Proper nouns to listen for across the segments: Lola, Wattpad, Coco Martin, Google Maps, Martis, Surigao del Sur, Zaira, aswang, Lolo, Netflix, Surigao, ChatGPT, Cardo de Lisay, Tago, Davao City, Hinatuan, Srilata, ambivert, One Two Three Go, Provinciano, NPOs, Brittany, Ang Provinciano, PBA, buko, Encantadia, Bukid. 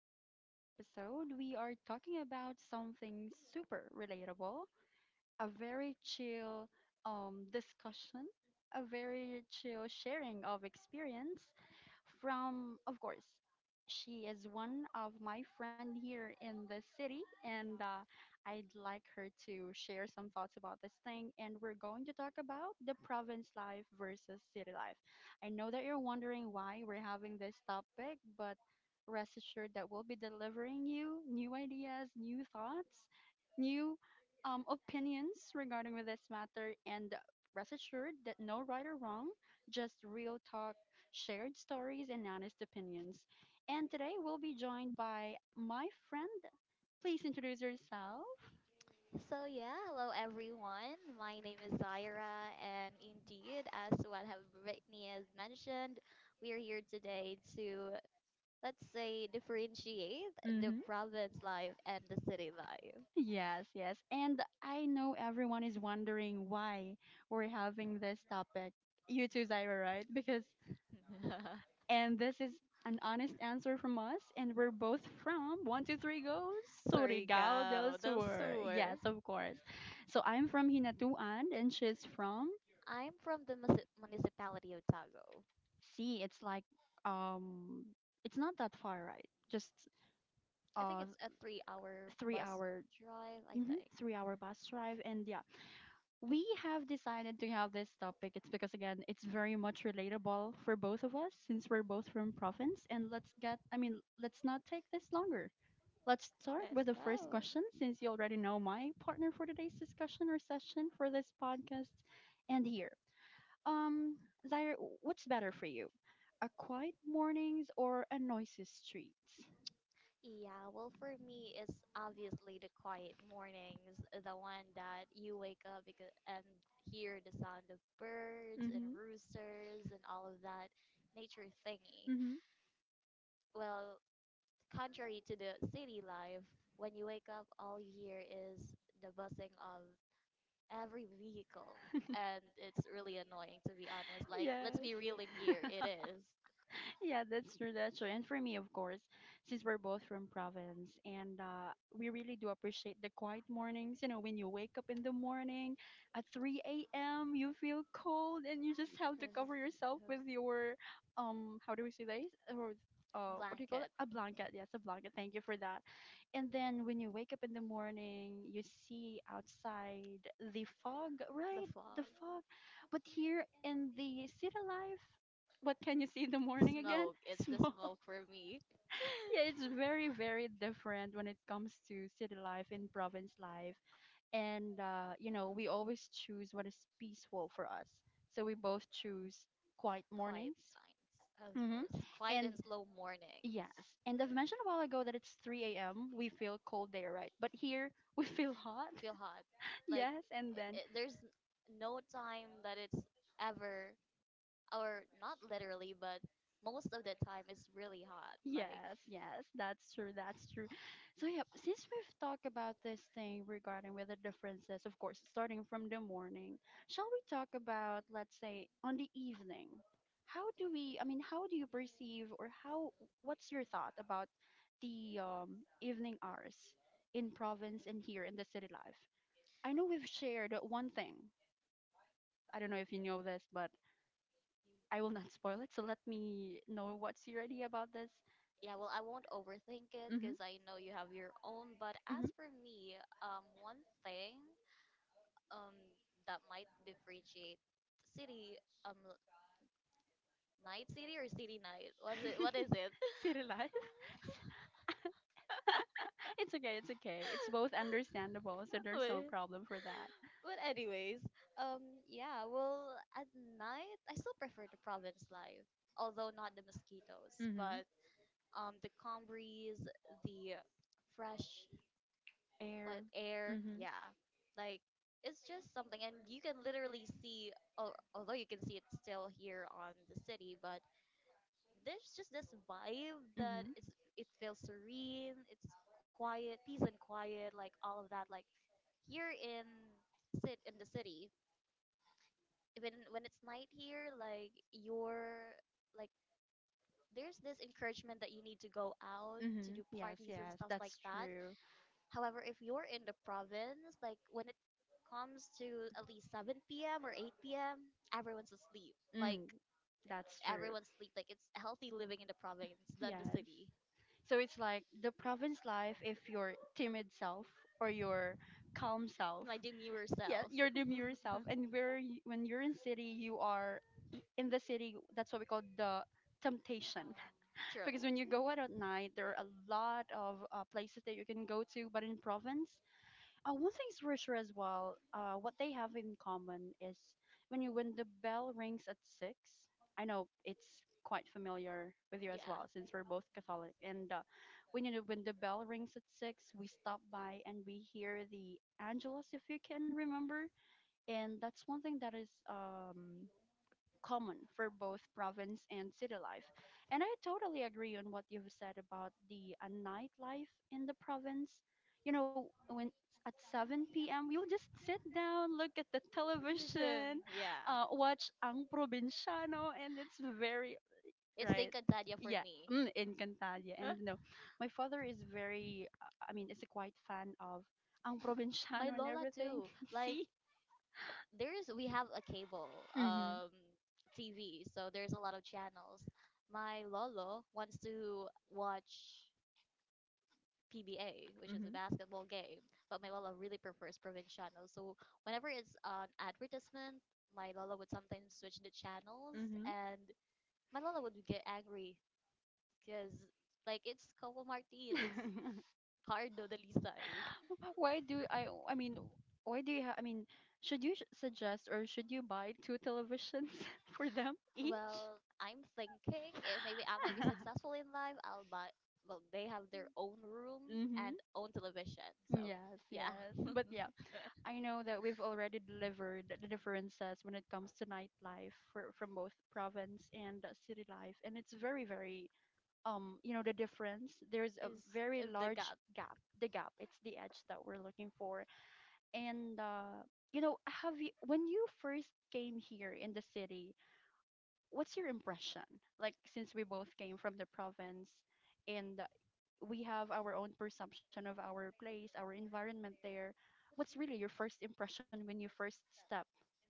In today's episode, we are talking about something super relatable, a very chill discussion, a very chill sharing of experience, from, of course, she is one of my friend here in the city, and I'd like her to share some thoughts about this thing. And we're going to talk about the province life versus city life. I know that you're wondering why we're having this topic, but rest assured that we'll be delivering you new ideas, new thoughts, new opinions regarding with this matter, and rest assured that no right or wrong, just real talk shared stories, and honest opinions. And today we'll be joined by my friend. Please introduce yourself. Everyone. My name is Zaira, and indeed, as what have Brittany has mentioned, we are here today to, let's say, differentiate the Mm-hmm. province life and the city life. Yes, yes. And I know everyone is wondering why we're having this topic. You too, Zyra, right? Because, and this is an honest answer from us, and we're both from One Two Three Go, Surigao del Surigao the Sur. sewer. Yes, of course. So I'm from Hinatuan, and she's from, I'm from the mus- municipality of Tago. see, it's like, um it's not that far, right? Just uh It's a three-hour 3-hour. drive, I Mhm, think. 3-hour bus drive. And yeah, we have decided to have this topic. It's because, again, it's very much relatable for both of us, since we're both from province. And let's get I mean let's not take this longer. Let's start with the first question, since you already know my partner for today's discussion or session for this podcast. And here, Um, Zaire, what's better for you? A quiet mornings or a noisy streets? Yeah, well, for me, it's obviously the quiet mornings, the one that you wake up because, and hear the sound of birds, Mm-hmm. roosters, and all of that nature thingy. Mm-hmm. Well, contrary to the city life, when you wake up, all you hear is the buzzing of every vehicle, and it's really annoying, to be honest. Yeah. Let's be real in here. It is. Yeah, that's true. That's true. And for me, of course, since we're both from province, and we really do appreciate the quiet mornings, you know, when you wake up in the morning at 3 a.m., you feel cold and you just have to cover yourself with your, how do we say this? Or, what do you call it? A blanket. Yes, a blanket. Thank you for that. And then when you wake up in the morning, you see outside the fog, right? The fog. But here in the city life, what can you see in the morning again? It's Smog. Yeah, it's very, very different when it comes to city life and province life. And, you know, we always choose what is peaceful for us. So we both choose quiet quiet mornings. signs, of Mhm. course. Quiet, slow morning. Yes, and I've mentioned a while ago that it's 3 a.m. We feel cold there, right? But here we feel hot. Feel hot. Yes, and then No time, or literally, but most hot. Like, yes, yes, that's true, that's true. So yeah, since we've talked about this thing regarding weather differences, of course, starting from the morning, shall we talk about, let's say, on the evening? How do we? I mean, how do you perceive, or how? What's your thought about the evening hours in province and here in the city life? I know we've shared one thing. I don't know if you know this, but I will not spoil it. So let me know what's your idea about this. won't overthink it because I know you have your own. But Mhm. as for me, one thing um that might differentiate city um night city or city night, what is it? City life. It's okay, it's okay. Both understandable, so there's but, problem for that. but anyways, um yeah, well, at night I still prefer the province life, although not the mosquitoes, but the calm breeze, the fresh, what, Fair. air, yeah, like, it's just something. And you can literally see al- although you can see it still here on the city, but there's just this vibe that it's, it feels serene. It's quiet, peace and quiet, like all of that. Like here in sit in the city, even when it's night here, like you're like, there's this encouragement that you need to go out to Hmm. do Yes, parties and yes. stuff like that. True. However, if you're in the province, like when it comes to at least 7 p.m. or 8 p.m., everyone's asleep. Like Mm, everyone's sleep, like it's healthy living in the province than the yes. city. So it's like the province life if your timid self or your calm self. My demure Yeah, self. your demure self. And where you, when you're in city, you are in the city. That's what we call the temptation. True. When you go out at night, there are a lot of places that you can go to. But in province, one thing's for sure as well. What they have in common is when the bell rings at six. I know it's quite familiar with you as well, since we're both Catholic. And when the bell rings at six, we stop by and we hear the Angelus, if you can remember. And that's one thing that is common for both province and city life. And I totally agree on what you've said about the nightlife in the province. You know, when at 7 p.m., you'll just sit down, look at the television, Yeah. Watch Ang Provinciano, and it's very, It's the right? Encantadia for Yeah, Encantadia. And no, my father is very, I mean, is a quite fan of Ang my Provinciano Lola everything. too. Like See? there is, we have a cable TV, so there's a lot of channels. My Lolo wants to watch PBA, which is a Mm-hmm. basketball game, but my Lola really prefers Provinciano. So whenever it's an advertisement, my Lola would sometimes switch the channels, Mm-hmm. and my Lola would get angry because like it's Coco Martin, it's Cardo de Lisay. Why do I? I mean, why do you? I mean, should you suggest or should you buy two televisions for them? Well, I'm thinking if maybe I might be successful in life, I'll buy. Well, they have their own room Mm-hmm. and own television. So Yes, yeah, yes. But yeah, I know that we've already delivered the differences when it comes to nightlife for, from both province and city life, and it's very, very, the difference. There's a very large not gap. The gap. It's the edge that we're looking for. And you know, have you when you first came here in the city, what's your impression? Like since we both came from the province and we have our own perception of our place, our environment there. What's really your first impression when you first step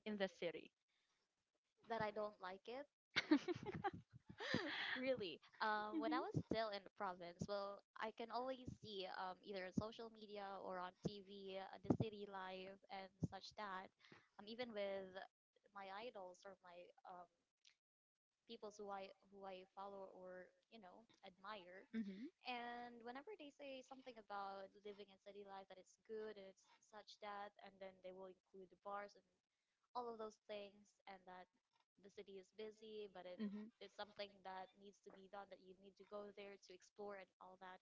in the city? that I don't like it. Really, when I was still in the province, well, I can always see either on social media or on TV the city life and such that. Even with my idols or my peoples who I follow or, you know, admire. Mm-hmm. And whenever they say something about living in city life that it's good and it's such that, and then they will include the bars and all of those things, and that the city is busy, but it's something that needs to be done, that you need to go there to explore and all that.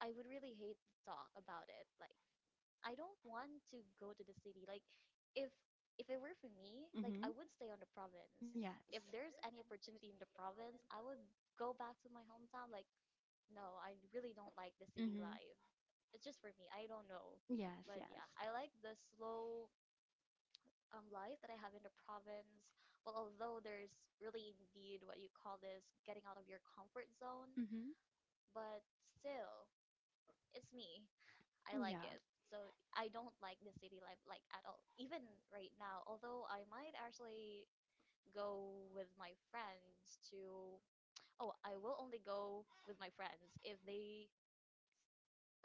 I would really hate to talk about it. Like, I don't want to go to the city. Like, if if it were for me, like I would stay on the province. Yes. If there's any opportunity in the province, I would go back to my hometown. Like, no, I really don't like the city life. It's just for me. I don't know. Yes. But yeah, I like the slow life that I have in the province. Well, although there's really indeed what you call this getting out of your comfort zone, Mm-hmm. but still, it's me. I like it. So I don't like the city life like at all. Even right now, although I might actually go with my friends to, oh, I will only go with my friends if they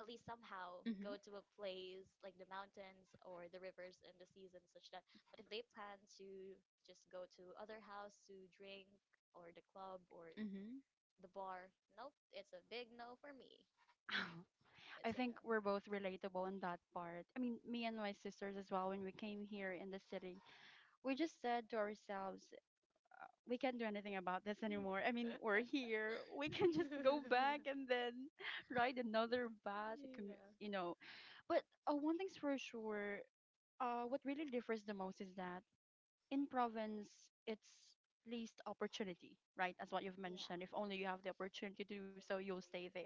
at least somehow go to a place like the mountains or the rivers in the season such that. But if they plan to just go to other house to drink or the club or Mm-hmm. the bar, nope, it's a big no for me. I think we're both relatable in that part. I mean, me and my sisters as well, when we came here in the city, we just said to ourselves, we can't do anything about this anymore. I mean, we're here. We can just go It- back and then ride another bus, a commu- yeah. you know. But one thing's for sure, what really differs the most is that in province it's least opportunity, right? As what you've mentioned, if only you have the opportunity to do so, you'll stay there.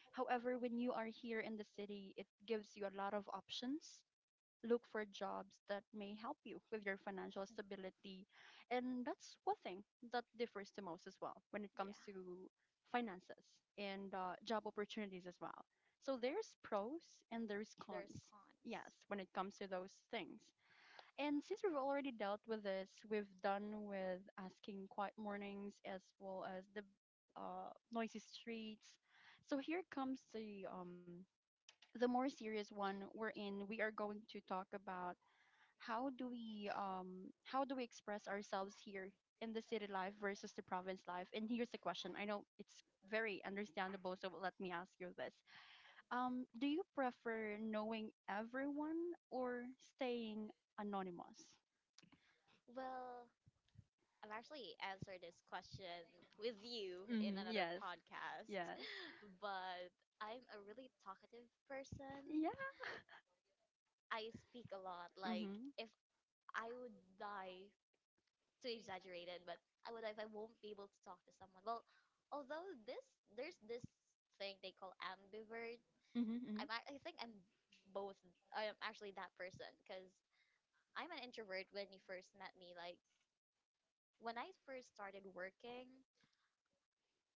However, when you are here in the city, it gives you a lot of options, look for jobs that may help you with your financial stability. And that's one thing that differs the most as well when it comes to finances and job opportunities as well. So there's pros and there's There's cons. con. Yes, when it comes to those things. And since we've already dealt with this, we've done with asking quiet mornings as well as the noisy streets. So here comes the more serious one wherein we are going to talk about how do we express ourselves here in the city life versus the province life. And here's the question. I know it's very understandable, so let me ask you this. Do you prefer knowing everyone or staying anonymous? Well, I've actually answered this question with you in another podcast, but I'm a really talkative person. Yeah. I speak a lot. Like Mm-hmm. if I would die, too exaggerated, but I would if I won't be able to talk to someone. Well, although this there's this thing they call ambivert. I'm Mm-hmm. ac- I think I'm both. I am actually that person because I'm an introvert. When you first met me, like when I first started working,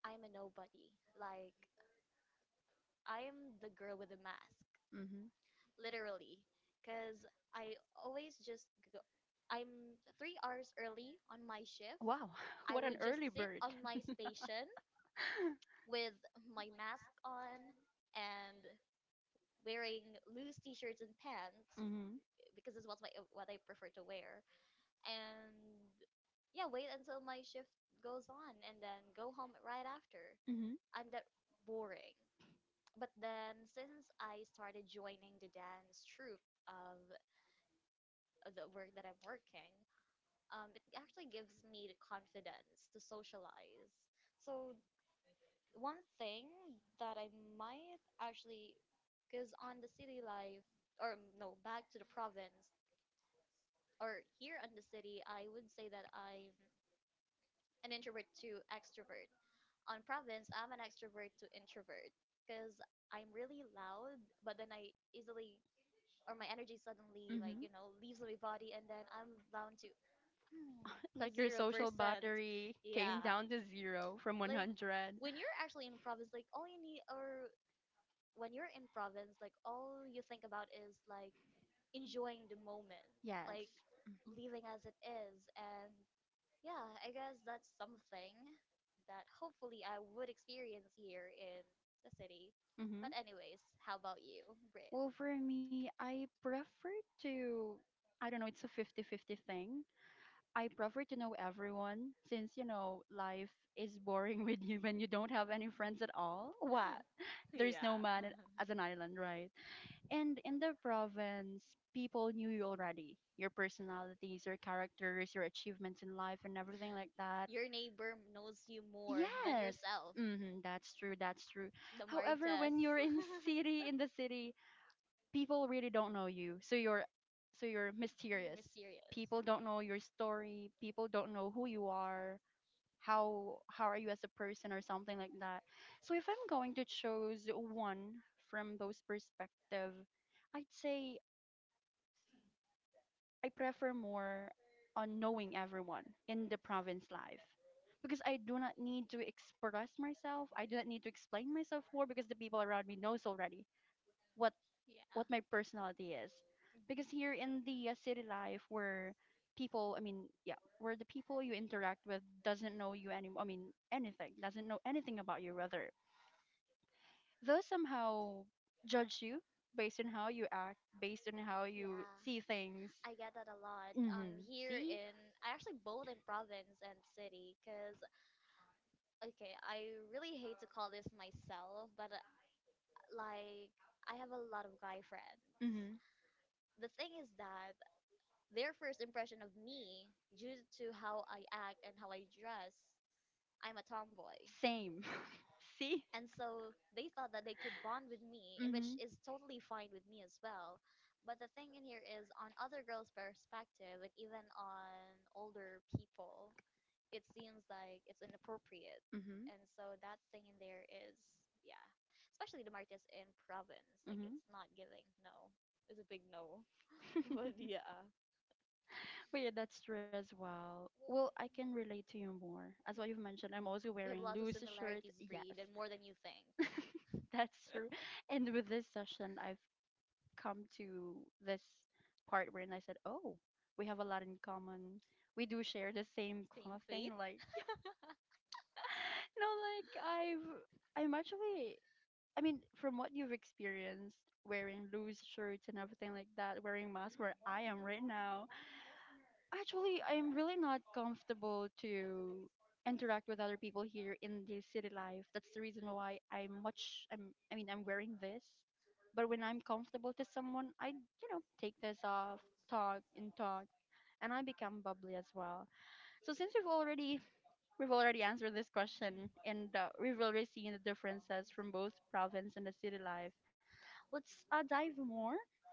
I'm a nobody. Like, I'm the girl with the mask, Mm-hmm. literally, because I always just go. I'm 3 hours early on my shift. Wow. I would just Early sit bird. on my station with my mask on and wearing loose t-shirts and pants Mm-hmm. because it's what my what I prefer to wear. And yeah, wait until my shift goes on and then go home right after. Mm-hmm. I'm that boring. But then since I started joining the dance troupe of the work that I'm working, it actually gives me the confidence to socialize. So one thing that I might actually, because on the city life, or mm, no, back to the province, or here on the city, I would say that I'm an introvert to extrovert. On province, I'm an extrovert to introvert because I'm really loud, but then I easily, or my energy suddenly, like, you know, leaves my body and then I'm down to, Like you're three, yeah. down to zero from 100. When you're actually in province, like, all you need, or when you're in province, like, all you think about is, like, enjoying the moment, Yes. leaving as it is. And yeah, I guess that's something that hopefully I would experience here in the city. But anyways, how about you, Brit? Well, for me, I prefer to, I don't know, it's a fifty-fifty thing. I prefer to know everyone since, life is boring with you when you don't have any friends at all. What? There is no man as an island, right? And in the province, people knew you already, your personalities, your characters, your achievements in life, and everything like that. Your neighbor knows you more well, Hmm, that's true, that's true. the more. However, when you're in city, in the city, people really don't know you. So you're, mysterious. People don't know your story, people don't know who you are, how are you as a person or something like that. So if I'm going to choose one from those perspective, I'd say I prefer more on knowing everyone in the province life, because I do not need to express myself, I do not need to explain myself more, because the people around me knows already what what Yeah. my personality is. Because here in the city life, where people I mean yeah where the people you interact with doesn't know you, anything, doesn't know anything about you, rather. They'll somehow judge you based on how you act, see things. I get that a lot here in, I actually both in province and city because, okay, I really call this myself, but like, I have a lot of guy friends. The thing is that their first impression of me, due to how I act and how I dress, I'm a tomboy. Same. See. And so they thought that they could bond with me, and which is totally fine with me as well. But the thing in here is, on other girls' perspective, and even on older people, it seems like it's inappropriate. Mm-hmm. And so that thing in there is, yeah, especially the Martis in province, like Mm-hmm. it's not giving. No, it's a big no. But yeah, But yeah, that's true as well. Well, I can relate to you more. As what you've mentioned, I'm also wearing shirts. Yeah, then more than you think. that's true. And with this session, I've come to this part wherein I said, oh, we have a lot in common. We do share the same clothing. Like, no, like I'm actually, I mean, from what you've experienced, wearing loose shirts and everything like that, wearing masks. Actually, I'm really not comfortable to interact with other people here in the city life. That's the reason why I'm much I'm I mean I'm wearing this. But when I'm comfortable to someone, I take this off, talk and talk, and I become bubbly as well. So since we've already answered this question, and we've already seen the differences from both province and the city life, let's dive more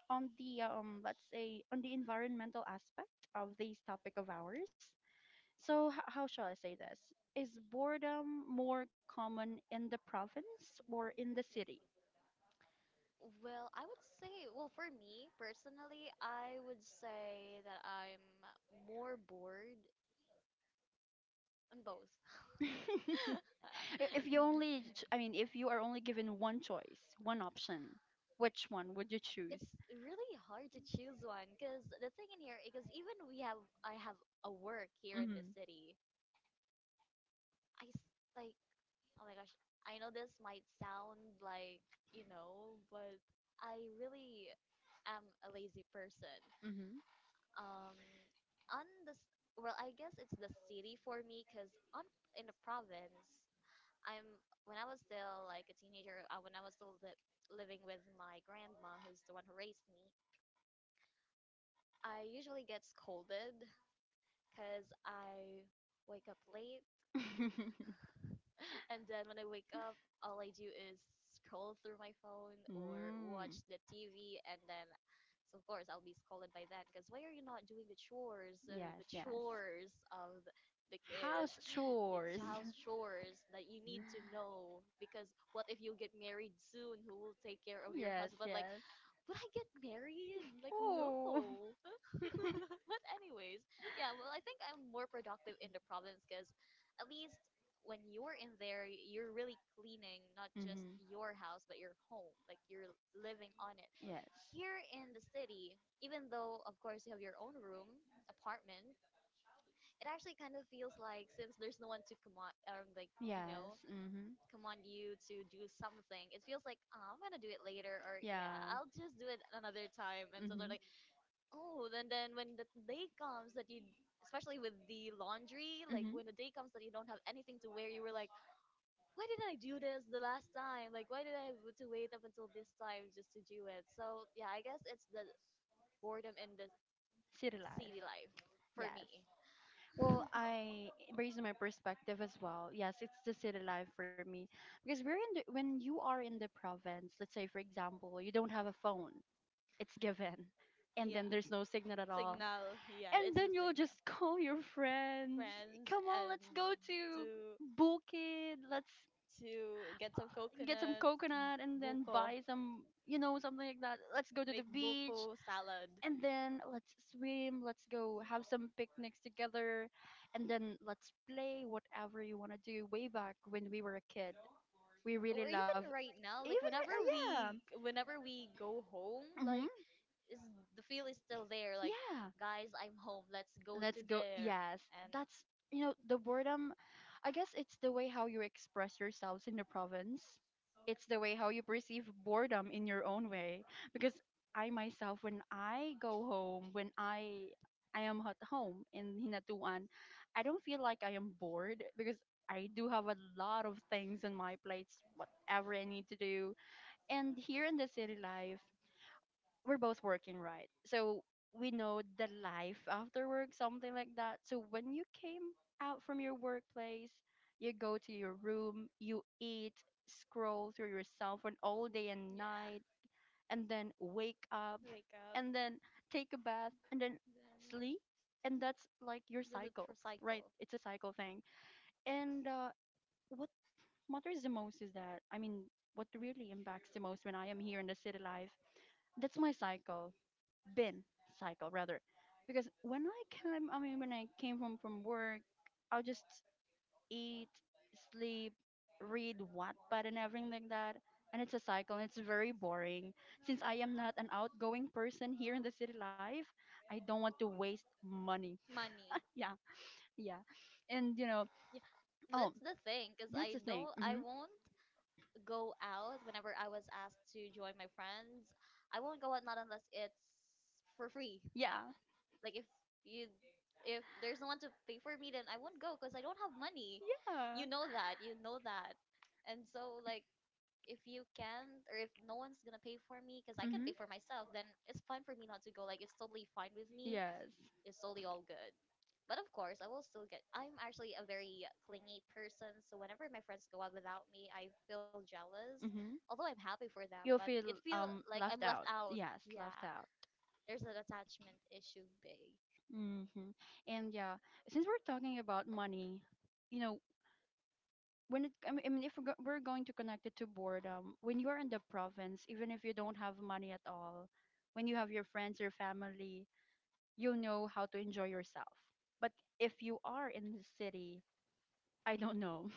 on the let's say on the environmental aspect of this topic of ours. So, how shall I say this? Is boredom more common in the province or in the city? Well, I would say, well, for me personally, I would say that I'm more bored on both. I- If you only, ch- I mean, if you are only given one choice, one option, which one would you choose? It's really hard to choose one because the thing in here, because even we have, I have a work here in the city. I s- like, oh my gosh, I know this might sound like, you know, but I really am a lazy person. Mm-hmm. um on this, well, I guess it's the city for me because on, in the province, I'm, when I was still like a teenager, when I was still li- living with my grandma who's the one who raised me, I usually get scolded because I wake up late. And then when I wake up, all I do is scroll through my phone or watch the TV, and then, so of course, I'll be scolded by then because why are you not doing the chores of the kids, Or house chores that you need to know? Because what if you get married soon? Who will take care of your yes, husband? Like, yes. would I get married? Like, Oh. no. But anyways, yeah. Well, I think I'm more productive in the province because at least when you're in there, you're really cleaning not just your house but your home. Like you're living on it. Yes. Here in the city, even though of course you have your own room, apartment, it actually kind of feels like since there's no one to command, like, you know, Mhm. command you to do something, it feels like, "Ah, I'm gonna do it later, or yeah, Yeah. I'll just do it another time." And so they're like, oh, then when the day comes that you, especially with the laundry, like when the day comes that you don't have anything to wear, you were like, why did I do this the last time? Like, why did I have to wait up until this time just to do it? So yeah, I guess it's the boredom in the City city life. life for me. Well, I recall, yeah, the city life for me because when you are in the province. Let's say, for example, you don't have a phone. It's given, and then there's no signal at all. Signal, yeah, Then you'll signal. just call your friends. Friends Come on, and let's go to to Bukid. Let's to get some coconut and then buko, buy some, you know, something like that. Let's go to the beach. salad. And then let's swim, let's go have some picnics together, and then let's play whatever you want to do way back when we were a kid. We re- And right now, like, whenever we go home, hmm, like, is the feel is still there. Like, yeah, guys, I'm home. Let's go. And that's you know the boredom. I guess it's the way how you express yourselves in the province, the way how you perceive boredom in your own way. Because I myself, when I go home, when I am at home in Hinatuan, I don't feel like I am bored because I do have a lot of things on my plates, whatever I need to do. And here in the city life, we're both working, right? So we know the life after work, something like that. So when you came out from your workplace, you go to your room, you eat, scroll through your cell phone all day and night, and then wake up, wake up. and then take a bath, and then sleep. And that's like your cycle, It's like right? It's a cycle thing. And what matters the most is that, I mean, what really impacts the most when I am here in the city life, that's my cycle been, cycle rather, because when I came I mean when I came from work, I'll just eat, sleep, read Wattpad and everything like that, and it's a cycle and it's very boring since I am not an outgoing person here in the city life. I don't want to waste money. money. Yeah, yeah, and you know, Yeah, oh, that's the thing. Cause I don't. I hmm, won't go out whenever I was asked to join my friends. I won't go out not unless it's for free. yeah. Like, if you there's no one to pay for me, then I won't go because I don't have money. Uh, You know that. You know that. And so, like, if you can't or if no one's gonna pay for me because I can pay for myself, then it's fine for me not to go. Like, it's totally fine with me. It's totally all good. But of course, I will still get. I'm actually a very clingy person, so whenever my friends go out without me, I feel jealous. mm-hmm. Although I'm happy for them, but Feel, it feel like I'm left out. yes, Yeah, left out. there's an attachment issue, big. Hmm, and yeah, since we're talking about money, you know, when it I mean I mean, if we're going to connect it to boredom, when you're in the province, even if you don't have money at all, when you have your friends, your family, you'll know how to enjoy yourself. But if you are in the city, I don't know,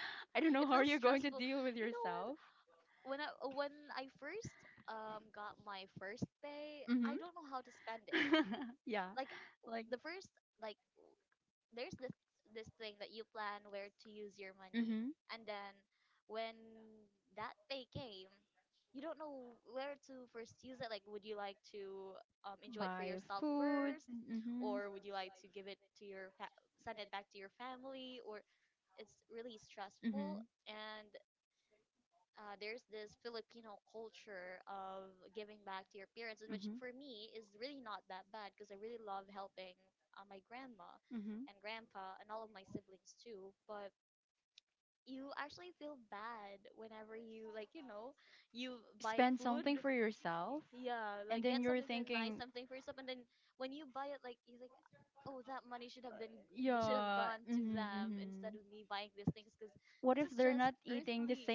I don't know how Feels you're going to stressful. deal with You know what? yourself. When I first got my first pay, I don't know how to spend it. Yeah, Like like, the first, like, there's this thing that you plan where to use your money. mm-hmm. And then when that pay came, you don't know where to first use it, like, would you like to enjoy it for Buy yourself food. first, Hmm, or would you like to give it to send it back to your family, or it's really stressful. hmm, And there's this Filipino culture of giving back to your parents, and which hmm, for me is really not that bad because I really love helping my grandma hmm. and grandpa and all of my siblings too. But you actually feel bad whenever you buy food. Yourself? Yeah, like, get something for nice, something for yourself, and then when you buy it, like, you think, oh, that Uh, money should have been, they should have yeah. gone to Hmm, them hmm. instead of me buying these things because What this if is just earthly.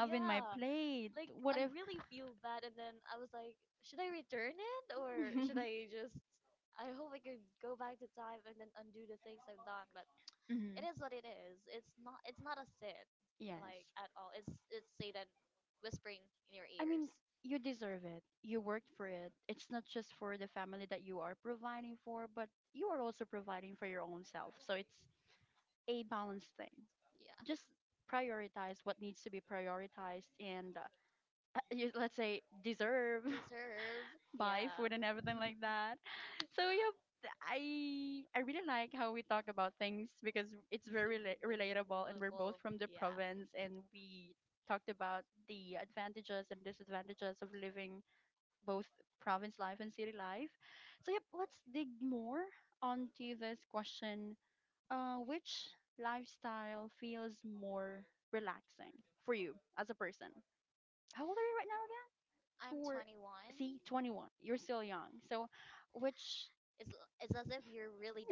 Yeah. late? Like, I really feel bad, and then I was like, should I return it, or should I just, I hope I could go back to time and then undo the things I've done. Hmm. It is what it is. It's not a sin, Yeah. like, at all. It's Satan whispering in your ear. Mean, you deserve it. You worked for it. It's not just for the family that you are providing for, but you are also providing for your own self. So it's a balanced thing. Just prioritize what needs to be prioritized, and you, let's say deserve Deserve. buy food and everything like that. So yeah, th- I really like how we talk about things because it's very relatable and we're both from the province and we talked about the advantages and disadvantages of living both province life and city life. So, yep, let's dig more onto this question. Which lifestyle feels more relaxing for you as a person? How old are you right now again? I'm 21. See, 21. You're still young. So, which It's as if you're really,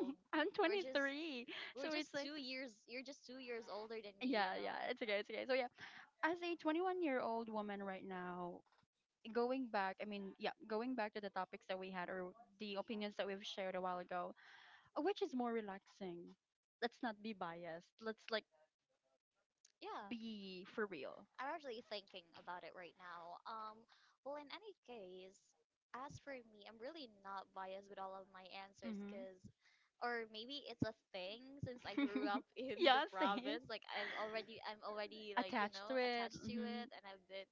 I'm 23. we're So, just years you're just 2 years older than. it's okay, it's okay. So, yeah, as a 21-year-old woman right now, going back, I mean, yeah, going back to the topics that we had or the opinions that we've shared a while ago, which is more relaxing. Let's not be biased. Let's like Yeah, be for real. I'm actually thinking about it right now. Well, in any case, as for me, I'm really not biased with all of my answers because, or maybe it's a thing since I grew up in this. Like I'm already, like, attached to it, and I've been.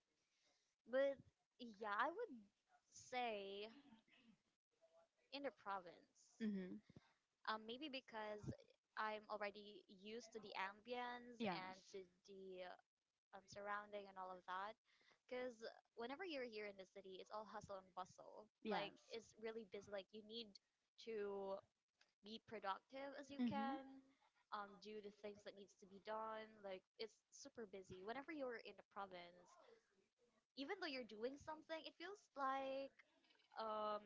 But yeah, I would say in the province. Mm-hmm. Maybe because I'm already used to the ambience and to the surrounding and all of that. Because whenever you're here in the city, it's all hustle and bustle. Yeah. Like, it's really busy. Like, you need to be productive as you can. Do the things that needs to be done. Like, it's super busy. Whenever you're in the province, even though you're doing something, it feels like um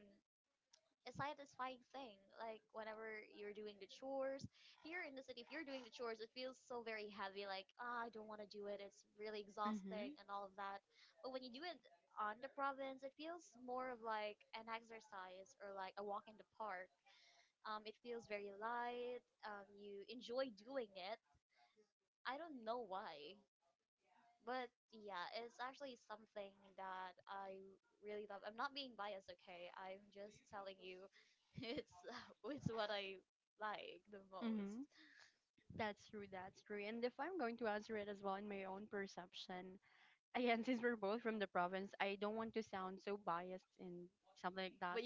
a satisfying thing. Like, whenever you're doing the chores here in the city, if you're doing the chores, it feels so very heavy. Like, ah, I don't want to do it. It's really exhausting and all of that. But when you do it on the province, it feels more of like an exercise or like a walk in the park. It feels very light. You enjoy doing it. I don't know why, but yeah, it's actually something that I really love. I'm not being biased, okay? I'm just telling you, it's what I like the most. That's true. That's true. And if I'm going to answer it as well in my own perception, again, since we're both from the province, I don't want to sound so biased in something like that.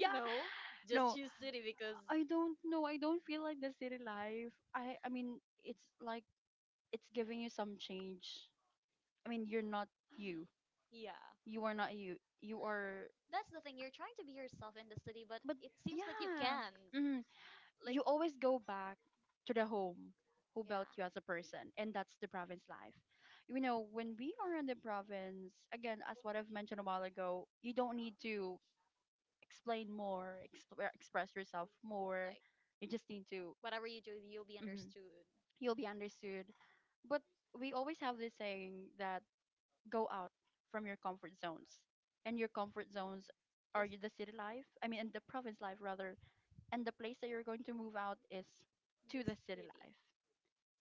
Yeah. Know, No, choose city because I don't know. I don't feel like the city life. I mean, it's like it's giving you some change. I mean, you're not you. yeah, You are not you. You are. that's the thing. You're trying to be yourself in the city, but can, Mm, you always go back to the home who built you as a person, and that's the province life. You know, when we are in the province, again, what I've mentioned a while ago, you don't need to explain more, express yourself more. like, You just need to. whatever you do, you'll be understood. You'll be understood. But we always have this saying that go out from your comfort zones, and your comfort zones are the city life. I mean, and the province life rather, and the place that you're going to move out is to the city Maybe. life.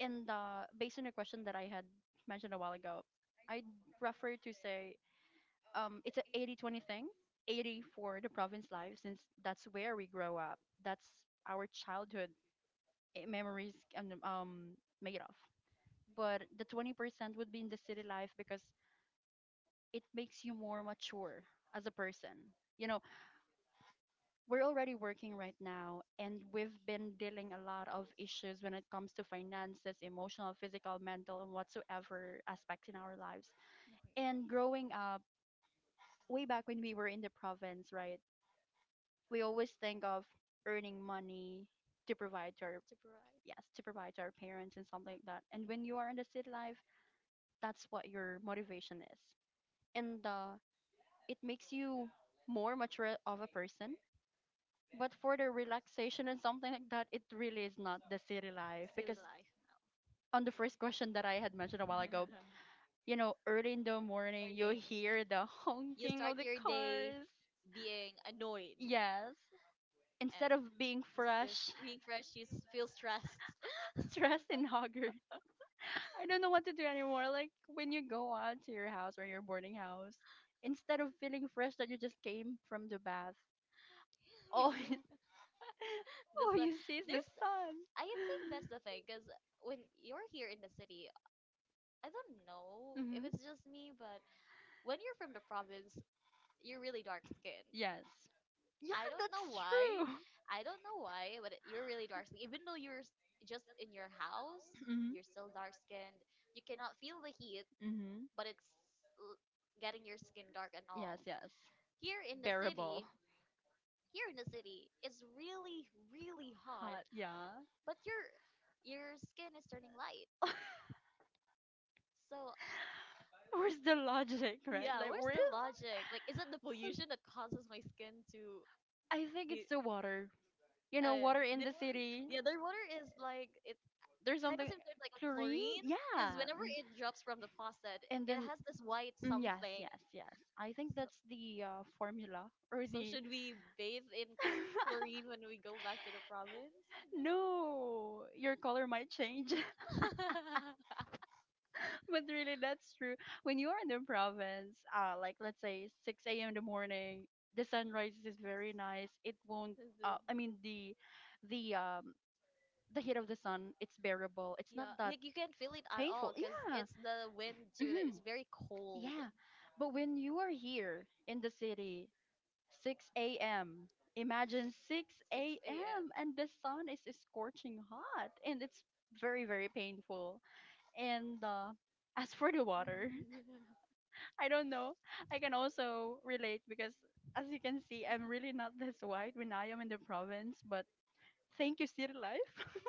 And the based on your question that I had mentioned a while ago, I'd prefer to say it's an 80-20 thing. 80 for the province life since that's where we grow up. That's our childhood memories and made of. But the 20% would be in the city life because it makes you more mature as a person. You know we're already working right now and we've been dealing a lot of issues when it comes to finances, emotional, physical, mental and whatsoever aspects in our lives, and growing up way back when we were in the province, right, we always think of earning money to provide to our, Right. yes, to provide to our parents and something like that. And when you are in the city life, that's what your motivation is, and it makes you more mature of a person. But for the relaxation and something like that, it really is not the city life because Life now. on the first question that I had mentioned a while ago, you know, early in the morning, you hear the honking of Your day cars. being annoyed, Yes. Instead of being fresh, being fresh, stressed. stressed and haggard, I don't know what to do anymore. Like when you go out to your house or your boarding house, instead of feeling fresh that you just came from the bath, you all, all feel. The you see is the s- sun. I think that's the thing, because when you're here in the city, I don't know if it's just me, but when you're from province, you're really dark skinned. Yes. Yeah. I I know why, but you're really dark skinned. Even though you're just in your house, Mm-hmm. you're still you cannot feel the heat, Mm-hmm. but it's l- getting your skin dark and all. Yes. Here in here in the city, it's really really hot, Yeah. but your skin is turning light. So Where's the logic, right? the logic? Like, is it the pollution that causes my skin to. I think water, water industry. Yeah, their water is, like, it sometimes, like, because Yeah, whenever it drops from the faucet, has this white side. yes, yes. I think that's the formula or Should we bathe in chlorine when we go back to the province? no, your color might change, but really that's true. When you are in the province, like let's say 6 a.m. in the morning, the sunrise is very nice. It won't. I mean the um the heat of the sun. It's bearable. It's yeah, like, you can feel it. Yeah, The wind very cold. yeah. But when you are here in the city, 6 a.m. Imagine 6 a.m. and the sun is scorching hot and it's very, very painful. And as for the water, I don't know. I can also relate because as you can see, I'm really not this white when I am in the province, but thank you, City Life.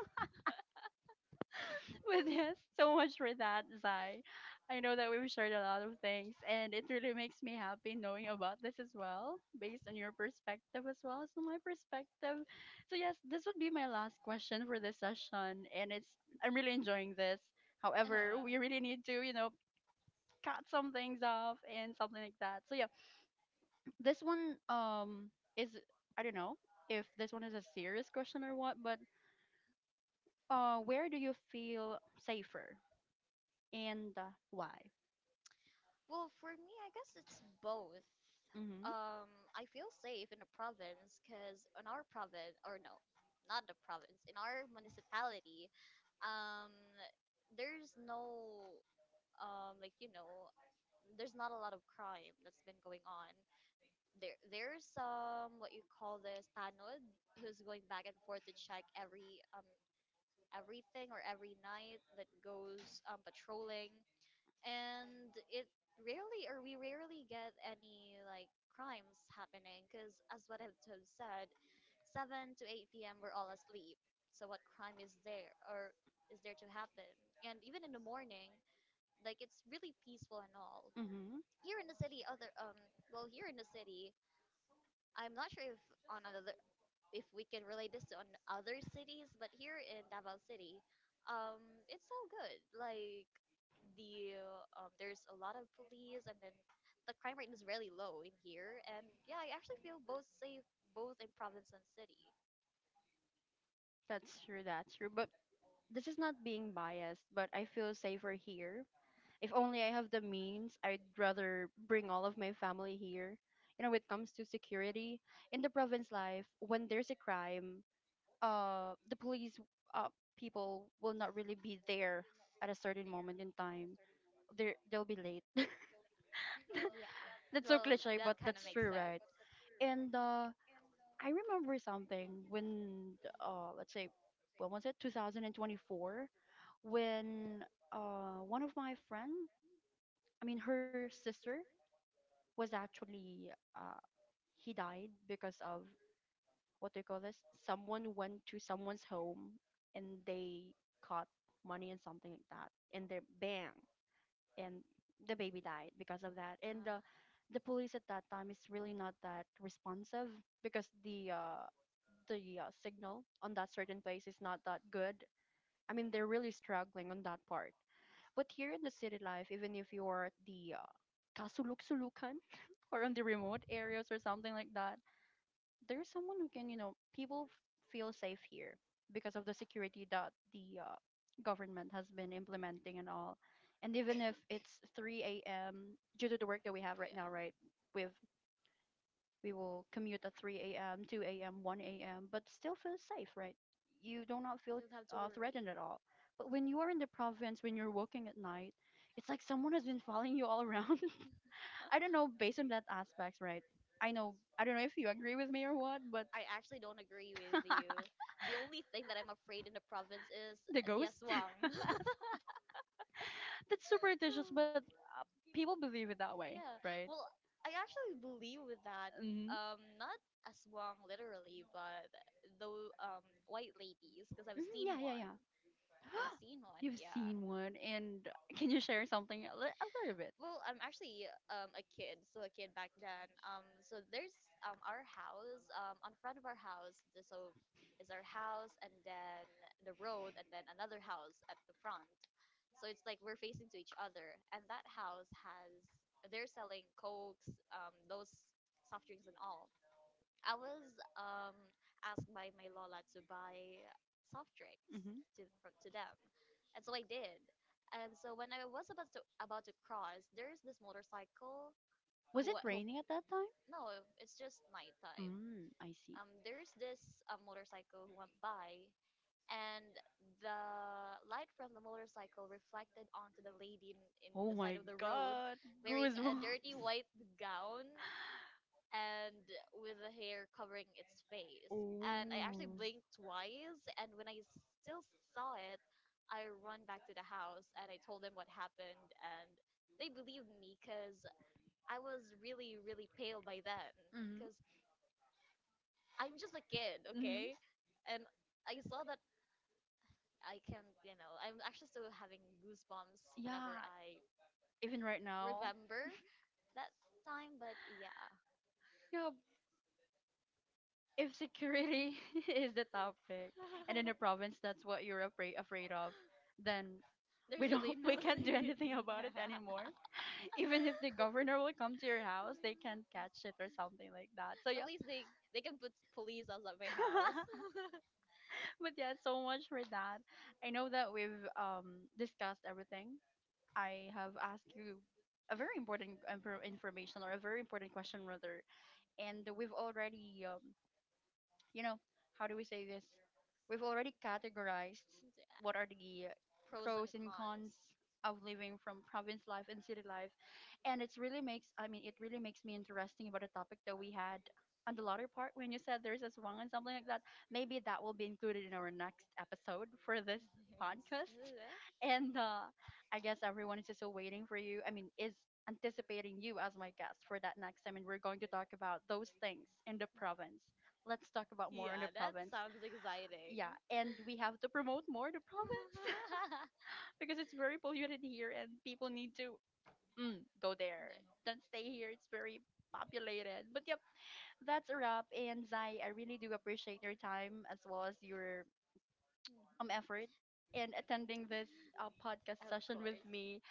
Well, yes, so much for that, Zai. I know that we've shared a lot of things, and it really makes me happy knowing about this as well, based on your perspective as well as on my perspective. So yes, this would be my last question for this session, and it's I'm really enjoying this. However, we really need to, you know, cut some things off and something like that. So yeah, this one is I don't know if this one is a serious question or what, but where do you feel safer and why? well, for me, I guess it's both. Mm-hmm. I feel safe in the province because in our province, or no, not the province, in our municipality, um, there's no, like, there's not a lot of crime that's been going on. There's some what you call this tanod who's going back and forth to check everything, or every night that goes patrolling. And it rarely or we rarely get any, like, crimes happening because as what I've told said, 7 to 8 p.m. we're all asleep. So what crime is there, or there morning? Like, it's really peaceful and all. Mm-hmm. Here the other city, I'm not sure if other cities, but here in Davao City, it's all good. Like, the there's a lot of police, and then the crime rate is really low in here. And yeah, I actually feel both safe, both in province and city. That's true. That's true. But this is not being biased, but I feel safer here. If only I have the means, I'd rather bring all of my family here. You know, when it comes to security in the province life, when there's a crime, the police, uh, people will not really be there at a certain moment in time. They'll be late. Yeah. That's so cliche, but that's true, right? And I remember something when, let's say, when was it? 2024, when one of my friend, I mean, her sister was actually, uh, he died because of what they call this? Someone went to someone's home and they caught money and something like that, and they bang, and the baby died because of that. And the police at that time is really not that responsive because the signal on that certain place is not that good. I mean, they're really struggling on that part. But here in the city life, even if you're at the kasuluk-sulukan or on the remote areas or something like that, there's someone who can, you know, feel safe here because of the security that the government has been implementing and all. And even if it's 3 a.m., due to the work that we have right now, right, we've we will commute at 3 a.m., 2 a.m., 1 a.m., but still feel safe, right? You do not feel threatened at all. But when you are in the province, when you're walking at night, it's like someone has been following you all around. I don't know, based on that aspect, right? don't know if you agree with me or what, but Actually, don't agree with you. The only thing that I'm afraid in the province is the ghost, aswang. that's superstitious, but people believe it that way, right? well, I actually believe with that, hmm um not aswang literally, but the um white ladies, because i've seen Yeah, yeah, one yeah. i've seen one You've yeah. seen one, and can you share something a little bit? Well, I'm actually a kid, still a kid back then. So there's our house, on front of our house. So is our house, and then the road, and then another house at the front. It's like we're facing to each other, and that house has, they're selling cokes, those soft drinks and all. I was um, asked by my lola to buy soft drinks Hmm to for- them, and so I did. And so when I was about to cross, there's this motorcycle who Raining at that time? no, it's just Mm, I see. There's this motorcycle who went by, and the light from the motorcycle reflected onto the lady in the side of the road, But wearing a dirty white gown and with the hair covering its face. And I actually blinked twice, and when I still saw it, I run back to the house, and I told them what happened, and they believed me because I was really, really pale by then. Mhm. Because I'm just a kid, okay? And I saw that I having goosebumps. Even right now, Remember? Yeah, if security is the topic, and in the province that's what you're afraid of, then there's really, we can't do anything about it anymore. Even if the governor will come to your house, they can't catch it or something like that. So yeah, they can put police outside my house. but yeah, so much for that. I know that we've discussed everything. I have asked you a very important information or a very important question rather, and we've already you know, how do we say this? We've already categorized what are the Pros and, pros and cons of living from province life and city life. And it's really makes, I mean, it really makes me interesting about the topic that we had on the latter part when you said there's a swang and something like that. Maybe that will be included in our next episode for this podcast. And I guess everyone is just still waiting for you. I mean, is anticipating you as my guest for that next time. And we're going to talk about those things in the province. Let's talk about more on the that sounds yeah, exciting. and we have to promote more the province because it's very polluted here, and people need to mm, go there. Don't stay here; it's very populated. But yep, that's a wrap. And Zai, I really do appreciate your time as well as your effort in attending this podcast session with me.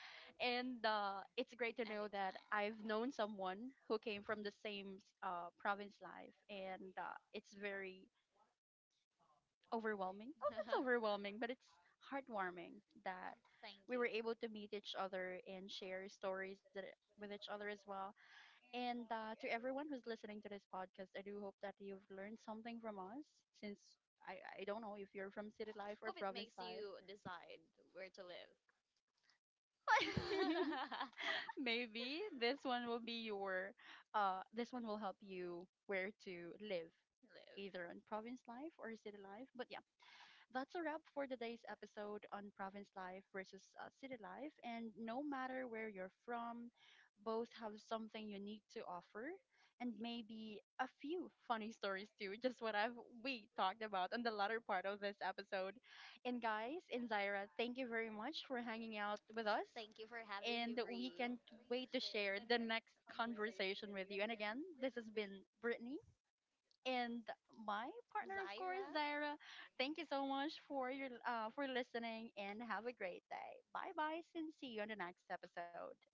And It's great to know that I've known someone who came from the same province life, and it's very overwhelming. Oh, that's overwhelming, but it's heartwarming that Thank we were you. able to meet each other and share stories with each other as well. And To everyone who's listening to this podcast, I do hope that you've learned something from us since. I don't know if you're from City Makes you decide where to live. Life. Maybe this one will be your, this one will help you where to live, either on province life or city life. But yeah, that's a wrap for today's episode on province life versus city life. And no matter where you're from, both have something unique to offer and maybe a few funny stories too, just what I've we talked about in the latter part of this episode. And guys, thank you very much for hanging out with us Thank you for having me. to share the next conversation with you. And again, this has been Brittany and my partner course, Zaira. Thank you so much for your for listening and have a great day. Bye bye, and see you on the next episode.